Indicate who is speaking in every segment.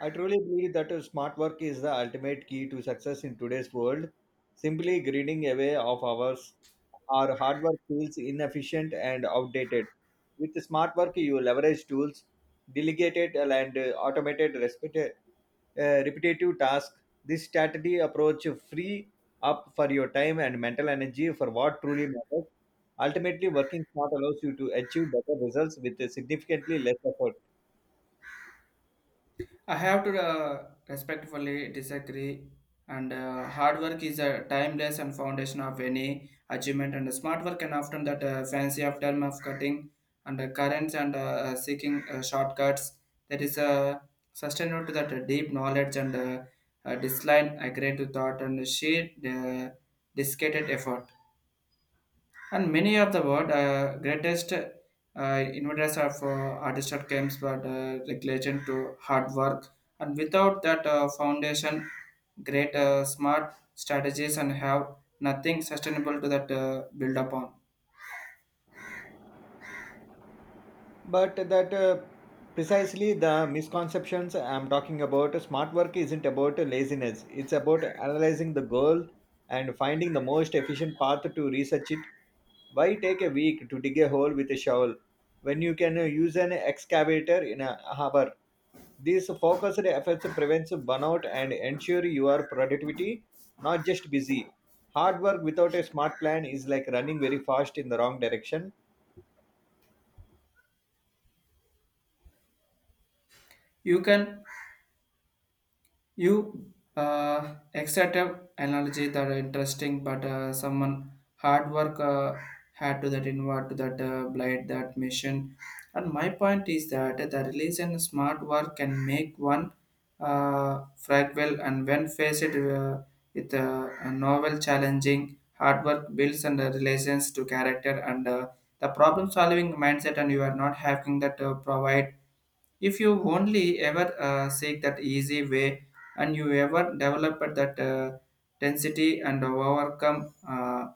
Speaker 1: I truly believe that smart work is the ultimate key to success in today's world. Simply grinding away of hours our hard work feels inefficient and outdated. With smart work, you leverage tools, delegated and automated repetitive tasks. This strategy approach free up for your time and mental energy for what truly matters. Ultimately, working smart allows you to achieve better results with significantly less effort.
Speaker 2: I have to respectfully disagree. And Hard work is a timeless and foundation of any achievement. And smart work can often that fancy of term of cutting and currents and seeking shortcuts. That is sustainable to that deep knowledge and disline agreed to thought and sheer dedicated effort, and many of the world greatest inventors of artistic games but relation to hard work. And without that foundation, great smart strategies and have nothing sustainable to that build upon.
Speaker 1: But that precisely the misconceptions I'm talking about. Smart work isn't about laziness, it's about analyzing the goal and finding the most efficient path to research it. Why take a week to dig a hole with a shovel when you can use an excavator in a harbor? These focused efforts prevents burnout and ensure your productivity, not just busy. Hard work without a smart plan is like running very fast in the wrong direction.
Speaker 2: you can You extractive analogy that are interesting, but someone hard work had to that inward to that blight that mission. And my point is that the release and smart work can make one fragile, and when faced with a novel challenging, hard work builds and relations to character and the problem solving mindset, and you are not having that provide if you only ever seek that easy way, and you ever develop that density and overcome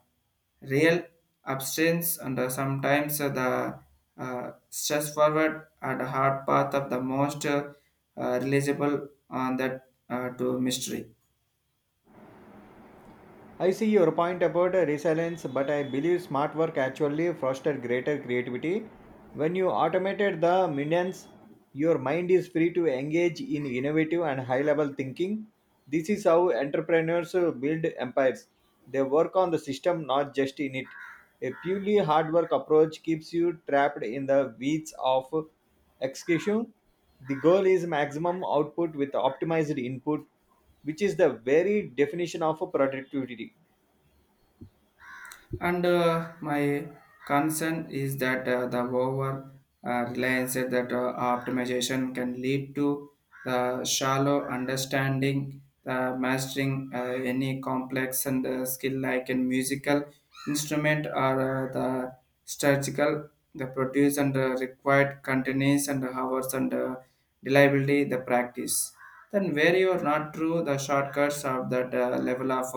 Speaker 2: real abstinence and sometimes the stress forward and hard path of the most realizable on that to mystery.
Speaker 1: I see your point about resilience, but I believe smart work actually fosters greater creativity. When you automated the minions, your mind is free to engage in innovative and high level thinking. This is how entrepreneurs build empires. They work on the system, not just in it. A purely hard work approach keeps you trapped in the weeds of execution. The goal is maximum output with optimized input which is the very definition of a productivity.
Speaker 2: And My concern is that the over reliance that optimization can lead to the shallow understanding, the mastering any complex and skill like in musical instrument or the strategical, the produce and required continuous and hours and reliability, the practice. Then where you are not true, the shortcuts of that level of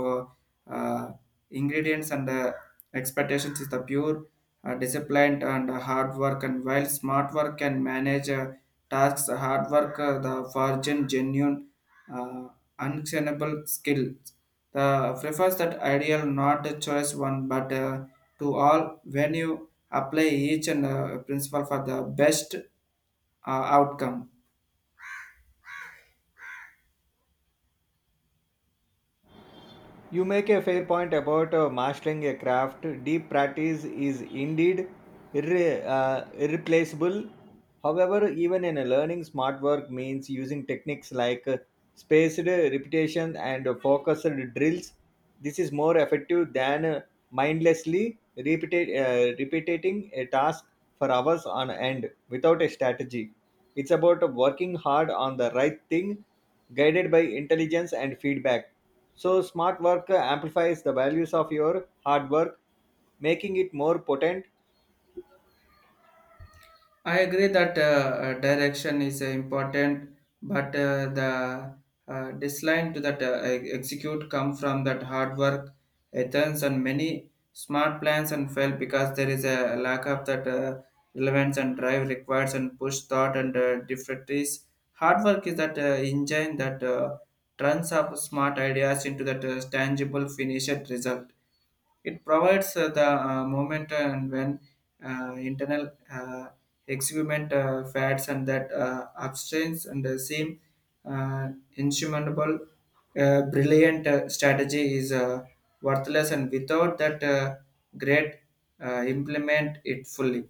Speaker 2: uh, uh, ingredients and expectations is the pure, disciplined, and hard work. And while smart work can manage tasks, hard work, the virgin, genuine, uh, unexceptionable skills. The prefers that ideal, not a choice one, but to all, when you apply each and principle for the best outcome.
Speaker 1: You make a fair point about mastering a craft. Deep practice is indeed irreplaceable. However, even in a learning, smart work means using techniques like spaced repetition and focused drills. This is more effective than mindlessly repeating a task for hours on end without a strategy. It's about working hard on the right thing, guided by intelligence and feedback. So, smart work amplifies the values of your hard work, making it more potent.
Speaker 2: I agree that direction is important, but the design to that execute come from that hard work, ethics, and many smart plans and fail because there is a lack of that relevance and drive requires and push thought and difficulties. Hard work is that engine that turns up smart ideas into that tangible finished result. It provides the moment and when internal experiment fads and that abstains and seem uh, insurmountable. Brilliant strategy is worthless, and without that great implement it fully.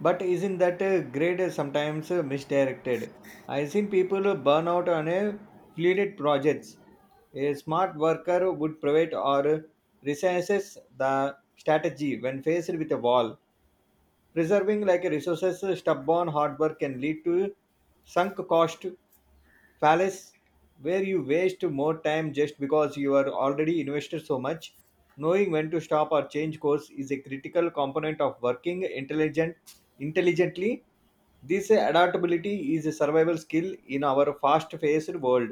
Speaker 1: But isn't that grade sometimes misdirected? I've seen people burn out on a fleeted projects. A smart worker would provide or resises the strategy when faced with a wall. Preserving like a resources stubborn hard work can lead to sunk cost fallacy where you waste more time just because you are already invested so much. Knowing when to stop or change course is a critical component of working intelligently. This adaptability is a survival skill in our fast-paced world.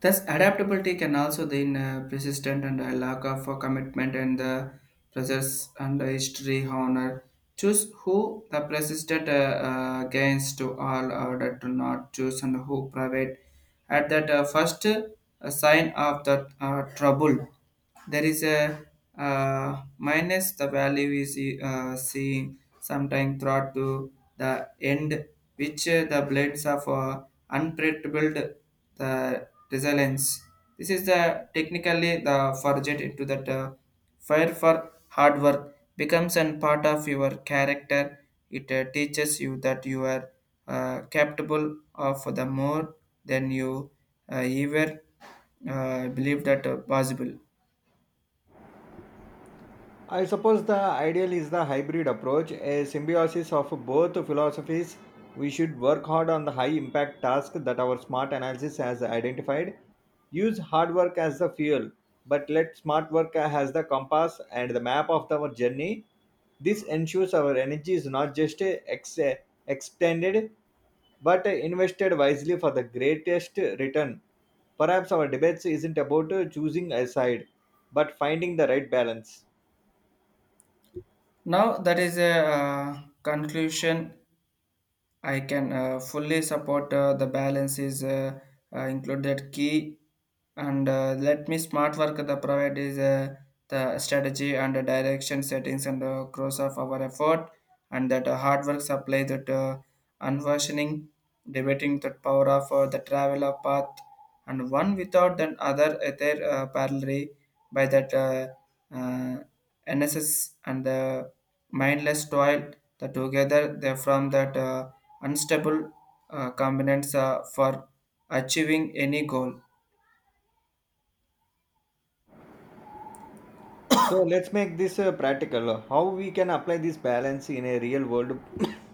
Speaker 2: Thus, adaptability can also then persistent and a lack of commitment and the process and the history honor. Choose who the persistent gains to all order to not choose and who private at that first sign of the trouble. There is a minus the value is seeing sometime throughout to the end, which the blades of unpredictable the resilience. This is the technically the forget into that fire for hard work becomes an part of your character. It teaches you that you are capable of the more than you ever believe that possible.
Speaker 1: I suppose the ideal is the hybrid approach, a symbiosis of both philosophies. We should work hard on the high impact task that our smart analysis has identified. Use hard work as the fuel, but let smart work as the compass and the map of our journey. This ensures our energy is not just expended but invested wisely for the greatest return. Perhaps our debates isn't about choosing a side, but finding the right balance.
Speaker 2: Now that is a conclusion I can fully support. The balance is included key, and let me smart work the provide is the strategy and the direction settings and cross of our effort, and that hard work supply that unversioning debating that power of the traveler path, and one without then other ether parallel by that uh, NSS and the mindless toil, that together they from that unstable components for achieving any goal.
Speaker 1: So let's make this practical. How we can apply this balance in a real world,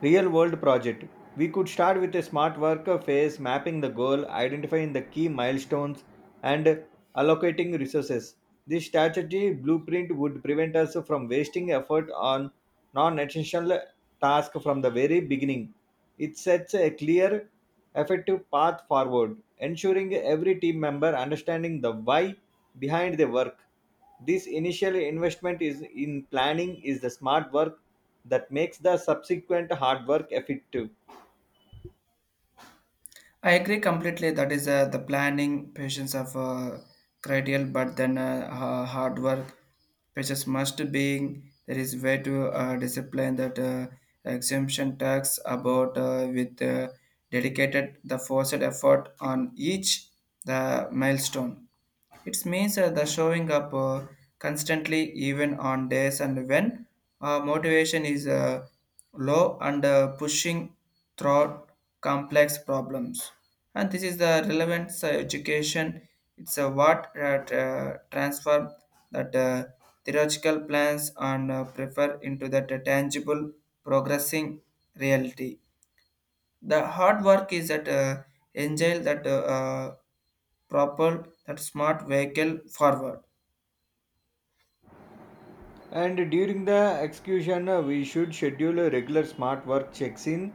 Speaker 1: real world project? We could start with a smart work phase, mapping the goal, identifying the key milestones, and allocating resources. This strategy blueprint would prevent us from wasting effort on non-essential tasks from the very beginning. It sets a clear, effective path forward, ensuring every team member understanding the why behind their work. This initial investment is in planning is the smart work that makes the subsequent hard work effective.
Speaker 2: I agree completely that is the planning, patience of critical, but then hard work, patience must be there is way to discipline that exemption tax about with dedicated the forced effort on each the milestone. It means the showing up constantly, even on days and when motivation is low and pushing through complex problems. And this is the relevance education. It's a what transform that theoretical plans and prefer into that tangible progressing reality. The hard work is that angel that propel that smart vehicle forward.
Speaker 1: And during the execution, we should schedule a regular smart work checks in.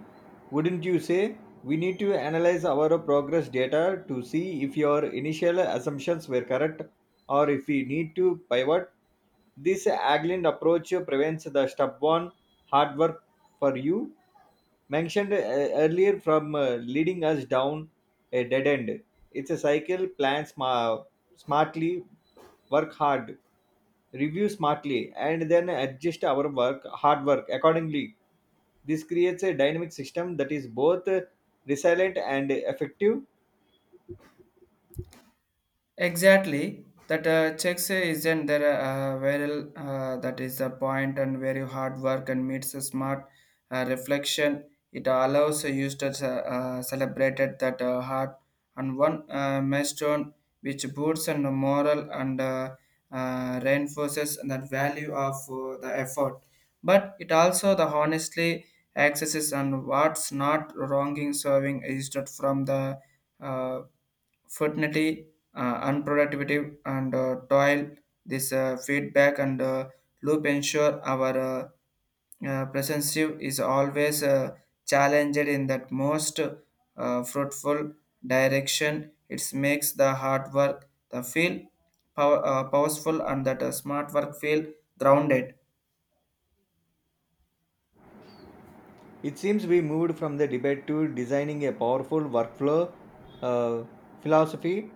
Speaker 1: Wouldn't you say? We need to analyze our progress data to see if your initial assumptions were correct or if we need to pivot. This agile approach prevents the stubborn hard work for you mentioned earlier from leading us down a dead end. It's a cycle, smartly, work hard review smartly, and then adjust our work hard work accordingly. This creates a dynamic system that is both resilient and effective.
Speaker 2: Exactly. That checks isn't there viral. That is the point, and very hard work and meets a smart reflection. It allows the users celebrated that heart and one milestone, which boosts and moral and reinforces that value of the effort. But it also the honestly accesses and what's not wronging serving is not from the uh, fertility, unproductivity, and toil. This feedback and loop ensure our presence is always challenged in that most fruitful direction. It makes the hard work the feel power, powerful, and that smart work feel grounded.
Speaker 1: It seems we moved from the debate to designing a powerful workflow uh, philosophy.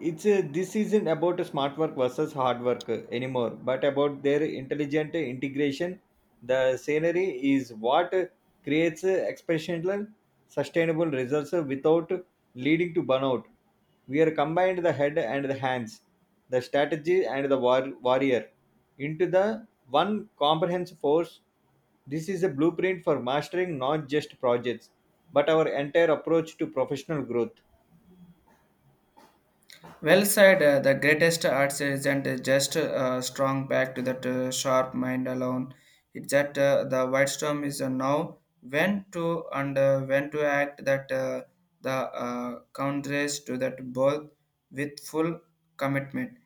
Speaker 1: It's This isn't about smart work versus hard work anymore, but about their intelligent integration. The scenery is what creates exceptional, sustainable results without leading to burnout. We are combined the head and the hands, the strategy and the warrior into the one comprehensive force. This is a blueprint for mastering not just projects, but our entire approach to professional growth.
Speaker 2: Well said, the greatest arts isn't just strong back to that sharp mind alone. It's that the white storm is now when to and when to act that the countries to that both with full commitment.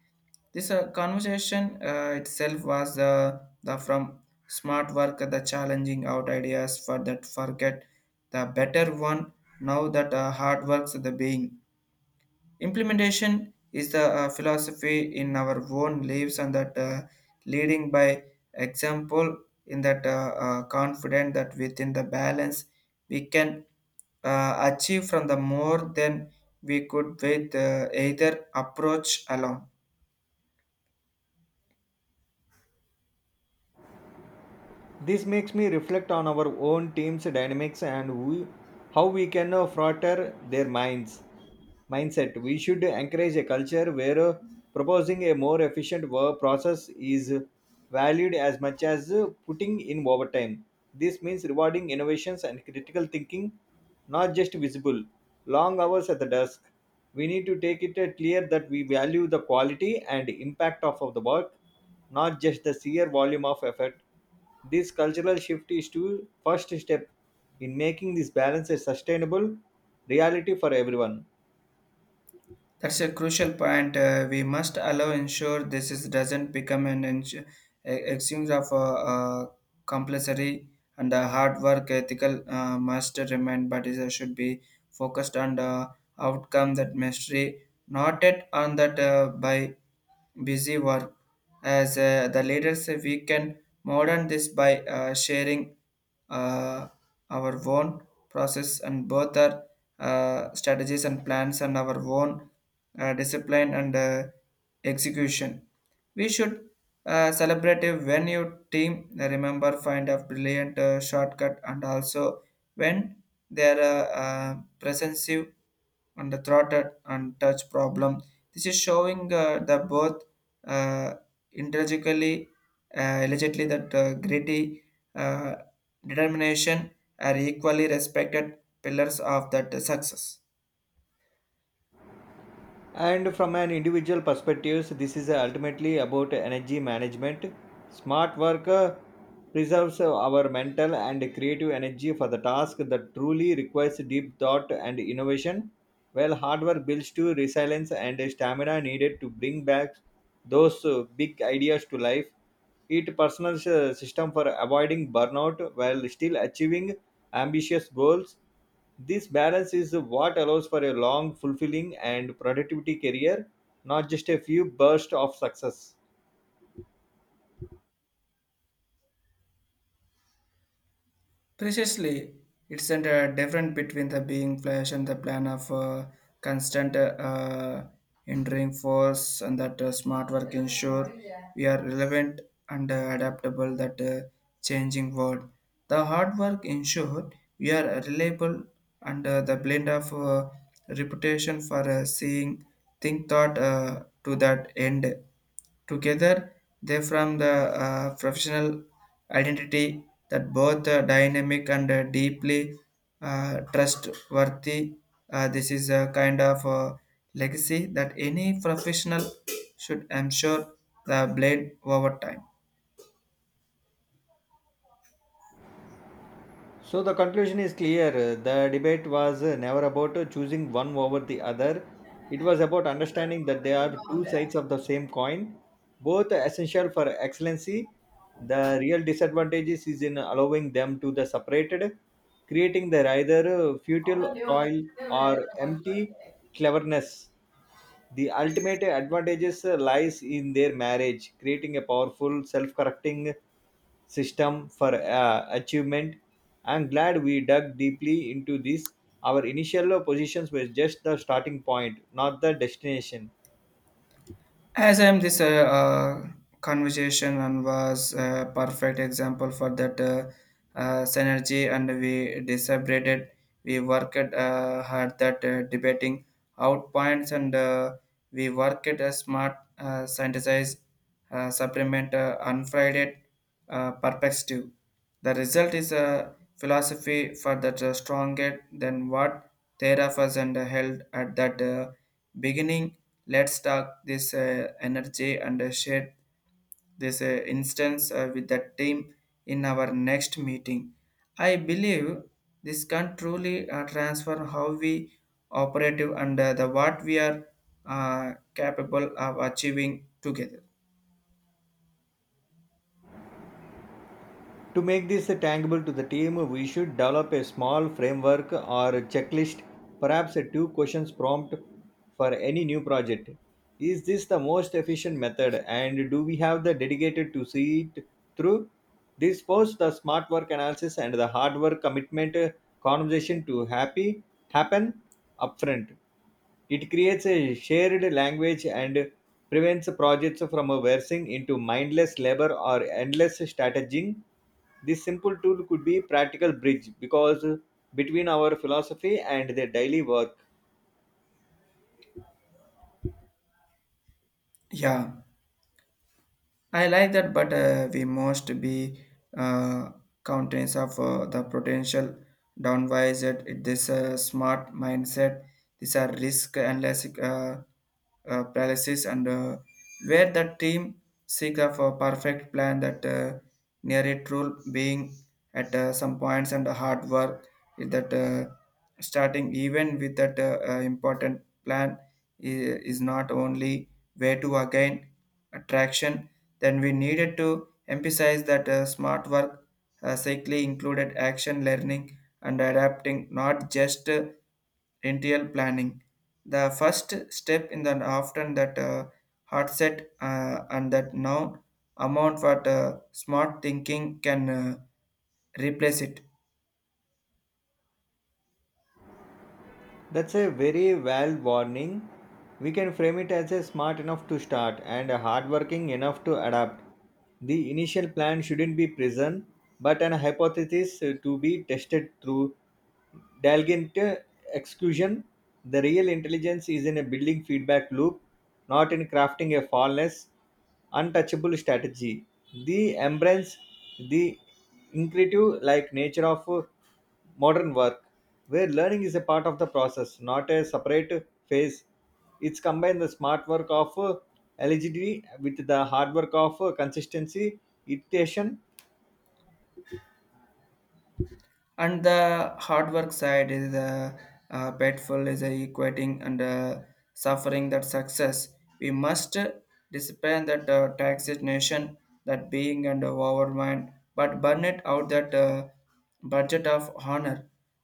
Speaker 2: This conversation itself was the from smart work the challenging out ideas for that forget the better one, now that hard works the being. Implementation is the philosophy in our own lives, and that leading by example in that confident that within the balance, we can achieve from the more than we could with either approach alone.
Speaker 1: This makes me reflect on our own team's dynamics and how we can further their minds. Mindset. We should encourage a culture where proposing a more efficient work process is valued as much as putting in overtime. This means rewarding innovations and critical thinking, not just visible long hours at the desk. We need to take it clear that we value the quality and impact of the work, not just the sheer volume of effort. This cultural shift is the first step in making this balance a sustainable reality for everyone.
Speaker 2: That's a crucial point. We must allow ensure this is, doesn't become an excuse of compulsory and hard work. Ethical must remain, but is, should be focused on the outcome that mystery, not yet on that by busy work. As the leaders, we can modern this by sharing uh, our own process and both our strategies and plans and our own discipline and execution. We should celebrate a when your team remember find a brilliant shortcut, and also when they are presensive and the throttled and touch problem. This is showing the both uh, intrinsically, allegedly that gritty uh, determination are equally respected pillars of that success.
Speaker 1: And from an individual perspective this is ultimately about energy management. Smart work preserves our mental and creative energy for the task that truly requires deep thought and innovation while hard work builds to resilience and stamina needed to bring back those big ideas to life. It personal system for avoiding burnout while still achieving ambitious goals. This balance is what allows for a long, fulfilling, and productivity career, not just a few bursts of success.
Speaker 2: Precisely, it's a difference between the being flesh and the plan of constant entering force, and that smart work ensure we are relevant and adaptable that changing world. The hard work ensure we are reliable and the blend of reputation for seeing, thought to that end. Together, they form the professional identity that both dynamic and deeply trustworthy. This is a kind of legacy that any professional should ensure the blade over time.
Speaker 1: So the conclusion is clear. The debate was never about choosing one over the other. It was about understanding that there are two sides of the same coin, both essential for excellency. The real disadvantages is in allowing them to the separated, creating their either futile toil or empty cleverness. The ultimate advantages lies in their marriage, creating a powerful self-correcting system for achievement. I'm glad we dug deeply into this. Our initial positions were just the starting point, not the destination.
Speaker 2: As I'm this conversation and was a perfect example for that synergy, and we deliberated, we worked hard that debating out points, and we worked a smart, synthesized, supplement, unfriended, perspective. The result is a philosophy for that stronger than what Theravada and held at that beginning. Let's talk this energy and share this instance with the team in our next meeting. I believe this can truly transform how we operative and the what we are capable of achieving together.
Speaker 1: To make this tangible to the team we should develop a small framework or a checklist, perhaps a two questions prompt for any new project. Is this the most efficient method and do we have the dedicated to see it through? This post the smart work analysis and the hard work commitment conversation to happy happen upfront. It creates a shared language and prevents projects from bursting into mindless labor or endless strategizing. This simple tool could be practical bridge because between our philosophy and the daily work.
Speaker 2: Yeah, I like that, but we must be uh, countenance of the potential downwise. This smart mindset. These are risk unless palaces and where the team seek of a perfect plan that near it rule being at some points, and hard work is that starting even with that important plan is not only way to again attraction. Then we needed to emphasize that smart work cycling included action learning and adapting, not just interior planning. The first step in the often that hard set and that now amount what smart thinking can replace it.
Speaker 1: That's a very well warning. We can frame it as a smart enough to start and a hardworking enough to adapt. The initial plan shouldn't be prison, but an hypothesis to be tested through diligent execution. The real intelligence is in a building feedback loop, not in crafting a flawless, untouchable strategy. The embrace the intuitive like nature of modern work, where learning is a part of the process, not a separate phase. It's combined the smart work of eligibility with the hard work of consistency, iteration.
Speaker 2: And the hard work side is painful is a equating and suffering that success. We must discipline that taxation that being and overmind but burn it out that budget of honor,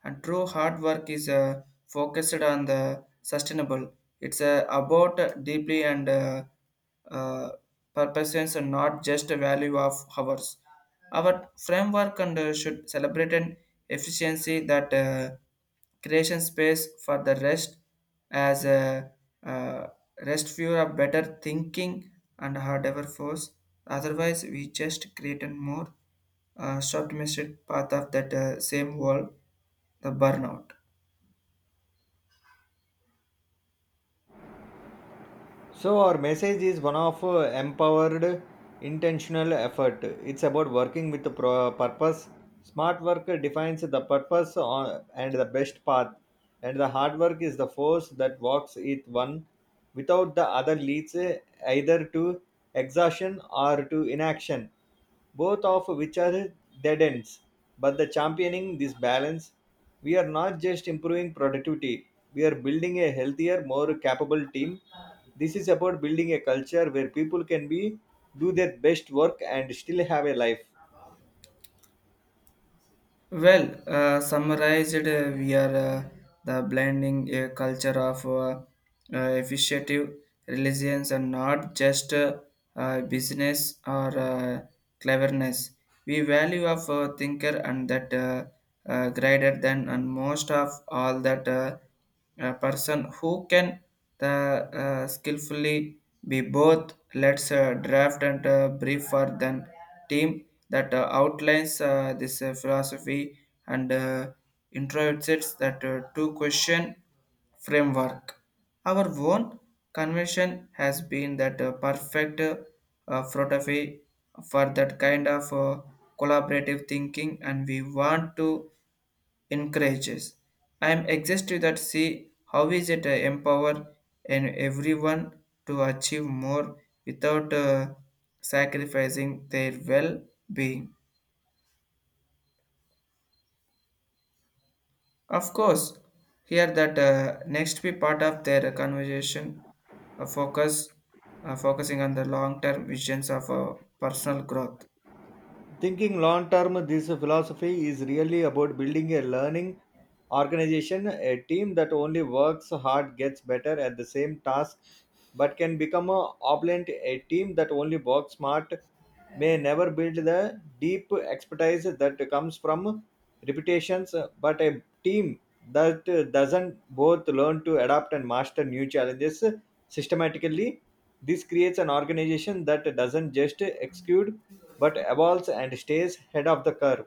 Speaker 2: and true hard work is focused on the sustainable. It's about deeply and uh, purposes, and not just a value of hours. Our framework and should celebrate an efficiency that creation space for the rest, as a uh, rest fewer of better thinking and harder force. Otherwise, we just create a more short path of that same world, the burnout.
Speaker 1: So, our message is one of empowered, intentional effort. It's about working with the purpose. Smart work defines the purpose on, and the best path, and the hard work is the force that walks it one. Without the other leads either to exhaustion or to inaction, both of which are dead ends. But the championing this balance, we are not just improving productivity, we are building a healthier, more capable team. This is about building a culture where people can be do their best work and still have a life.
Speaker 2: Well, summarized, we are the blending a culture of efficiency, religions, and not just business or cleverness. We value of thinker and that greater than and most of all that person who can the skillfully be both. Let's draft and brief for them team that outlines this philosophy and introduces that two question framework. Our own convention has been that perfect philosophy for that kind of collaborative thinking, and we want to encourages. I am exhausted that see how is it empower and everyone to achieve more without sacrificing their well-being. Of course, here that next be part of their conversation uh, focus focusing on the long-term visions of personal growth
Speaker 1: Thinking long term, this philosophy is really about building a learning organization, a team that only works hard gets better at the same task but can become a opulent. A team that only works smart may never build the deep expertise that comes from reputations, but a team that doesn't both learn to adapt and master new challenges systematically. This creates an organization that doesn't just execute but evolves and stays ahead of the curve.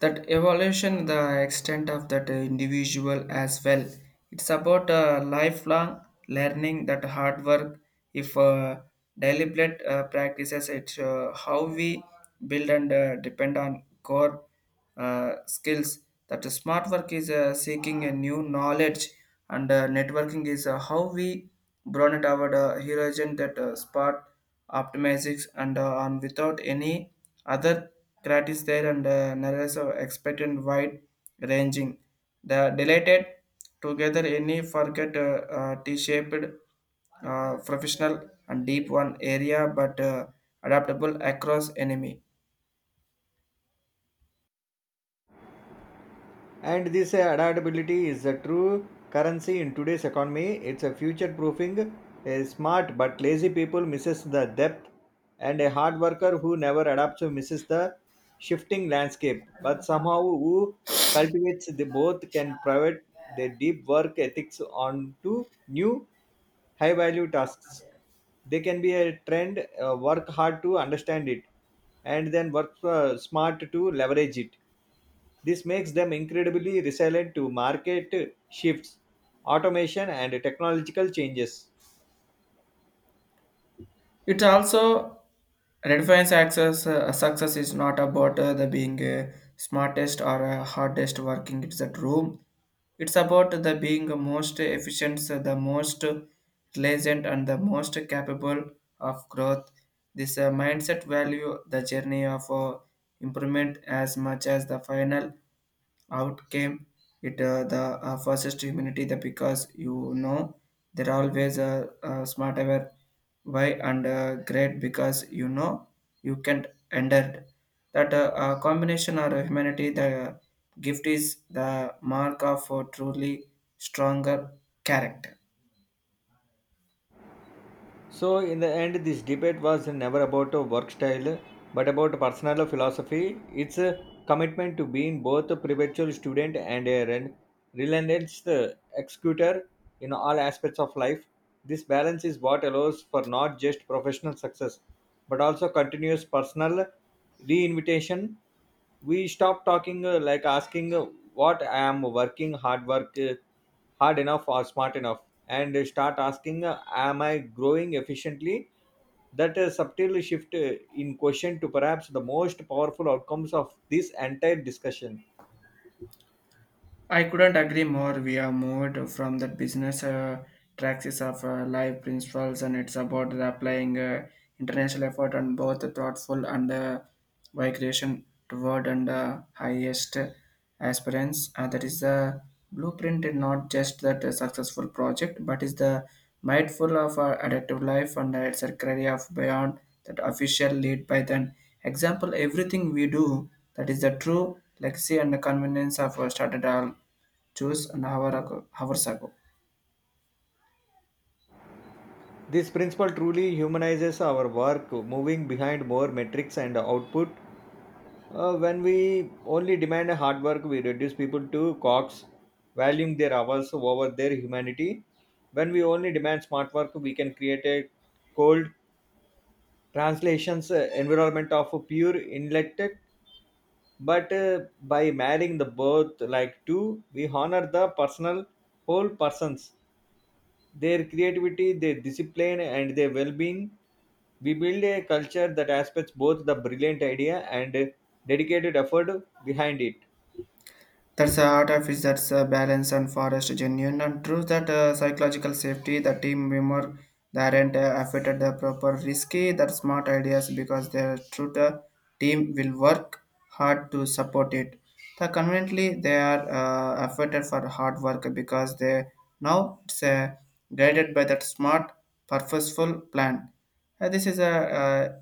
Speaker 2: that evolution the extent of that individual as well. It's about lifelong learning that hard work if deliberate practices. It's how we build and depend on core skills that smart work is seeking a new knowledge, and networking is how we broaden our horizon that spot optimistics and on without any other gratis there, and narratives are expect and wide ranging. The delighted together any forget T-shaped professional and deep one area but adaptable across enemy.
Speaker 1: And this adaptability is a true currency in today's economy. It's a future proofing. A smart but lazy people misses the depth and a hard worker who never adapts misses the shifting landscape, but somehow who cultivates the both can pivot their deep work ethics onto new high value tasks. They can be a trend work hard to understand it and then work smart to leverage it. This makes them incredibly resilient to market shifts, automation, and technological changes.
Speaker 2: It also redefines access. Success is not about the being smartest or hardest working. It's that room. It's about the being the most efficient, the most pleasant, and the most capable of growth. This mindset value the journey of improvement as much as the final out came. It uh, the uh, first humanity the because they're always smarter why, and great, because you can't enter that combination or humanity the gift is the mark of a truly stronger character.
Speaker 1: So, in the end, this debate was never about a work style but about personal philosophy. It's a commitment to being both a perpetual student and a relentless executor in all aspects of life. This balance is what allows for not just professional success but also continuous personal reinvitation. We stop talking like asking what I am working hard enough or smart enough and start asking, am I growing efficiently? That subtle shift in question to perhaps the most powerful outcomes of this entire discussion.
Speaker 2: I couldn't agree more. We have moved from the business practice of life principles, and it's about the applying international effort on both the thoughtful and migration toward and highest aspirants. That is the blueprint, and not just that successful project, but is the mindful of adaptive life, and it's a career of beyond that official lead by then. Example, everything we do that is the true Legacy and convenience have started all choose an hour ago, hours ago.
Speaker 1: This principle truly humanizes our work moving behind more metrics and output. When we only demand a hard work we reduce people to cogs, valuing their hours over their humanity. When we only demand smart work we can create a cold translations environment of pure intellect, but by marrying the both like two we honor the personal whole persons, their creativity, their discipline and their well-being. We build a culture that aspects both the brilliant idea and dedicated effort behind it.
Speaker 2: That's the art of it, that's the balance and forest genuine and true that psychological safety, the team member that aren't affected the proper risky, that smart ideas because their true the team will work hard to support it. The conveniently they are affected for hard work because they now it's guided by that smart purposeful plan. This is a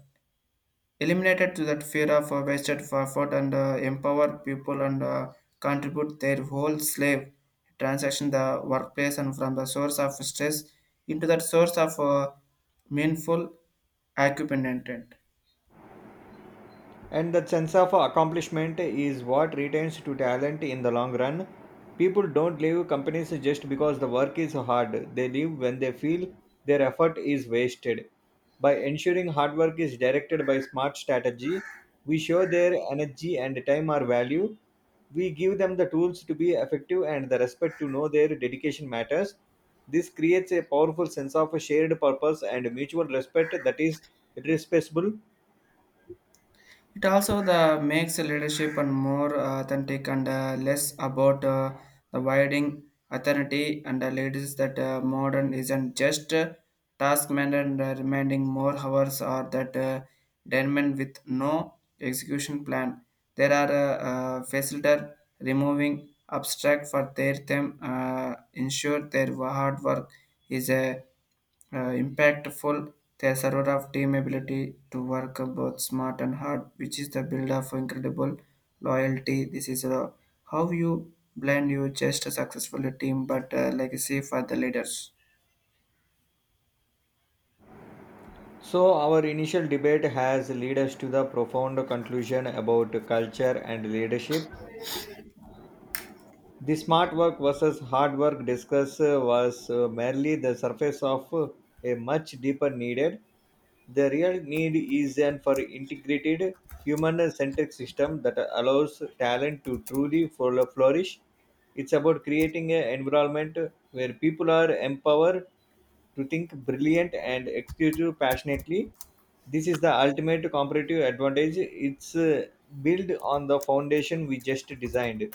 Speaker 2: eliminated to that fear of wasted effort and empower people and contribute their whole slave transaction the workplace and from the source of stress into that source of meaningful occupant.
Speaker 1: And that sense of accomplishment is what retains to talent in the long run. People don't leave companies just because the work is hard, they leave when they feel their effort is wasted. By ensuring hard work is directed by smart strategy we show their energy and time are valued. We give them the tools to be effective and the respect to know their dedication matters. This creates a powerful sense of shared purpose and mutual respect that is irreplaceable.
Speaker 2: It also the makes a leadership and more authentic and less about the widening authority and the ladies that modern isn't just task man and remaining more hours or that denman with no execution plan. There are facilitator removing abstract for their them ensure their hard work is a impactful. There's a lot of team ability to work both smart and hard, which is the build of incredible loyalty. This is how you blend your just successful team but legacy for the leaders.
Speaker 1: So, our initial debate has led us to the profound conclusion about culture and leadership. The smart work versus hard work discuss was merely the surface of a much deeper needed. The real need is an for integrated human-centric system that allows talent to truly flourish. It's about creating an environment where people are empowered to think brilliant and execute passionately. This is the ultimate competitive advantage. It's built on the foundation we just designed.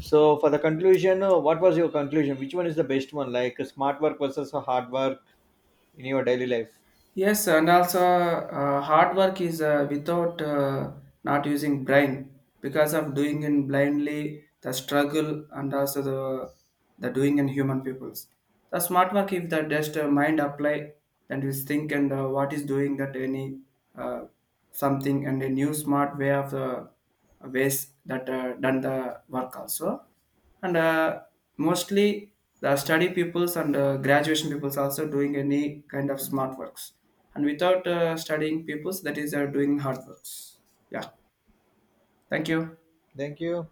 Speaker 1: So for the conclusion, what was your conclusion? Which one is the best one? Like smart work versus hard work in your daily life?
Speaker 2: Yes, and also hard work is without not using brain because of doing in blindly the struggle, and also the doing in human peoples. The smart work if the just mind apply, and we think and what is doing that any uh, something and a new smart way of ways that done the work also, and mostly the study peoples and graduation peoples also doing any kind of smart works, and without studying peoples that is doing hard works. Yeah, thank you.
Speaker 1: Thank you.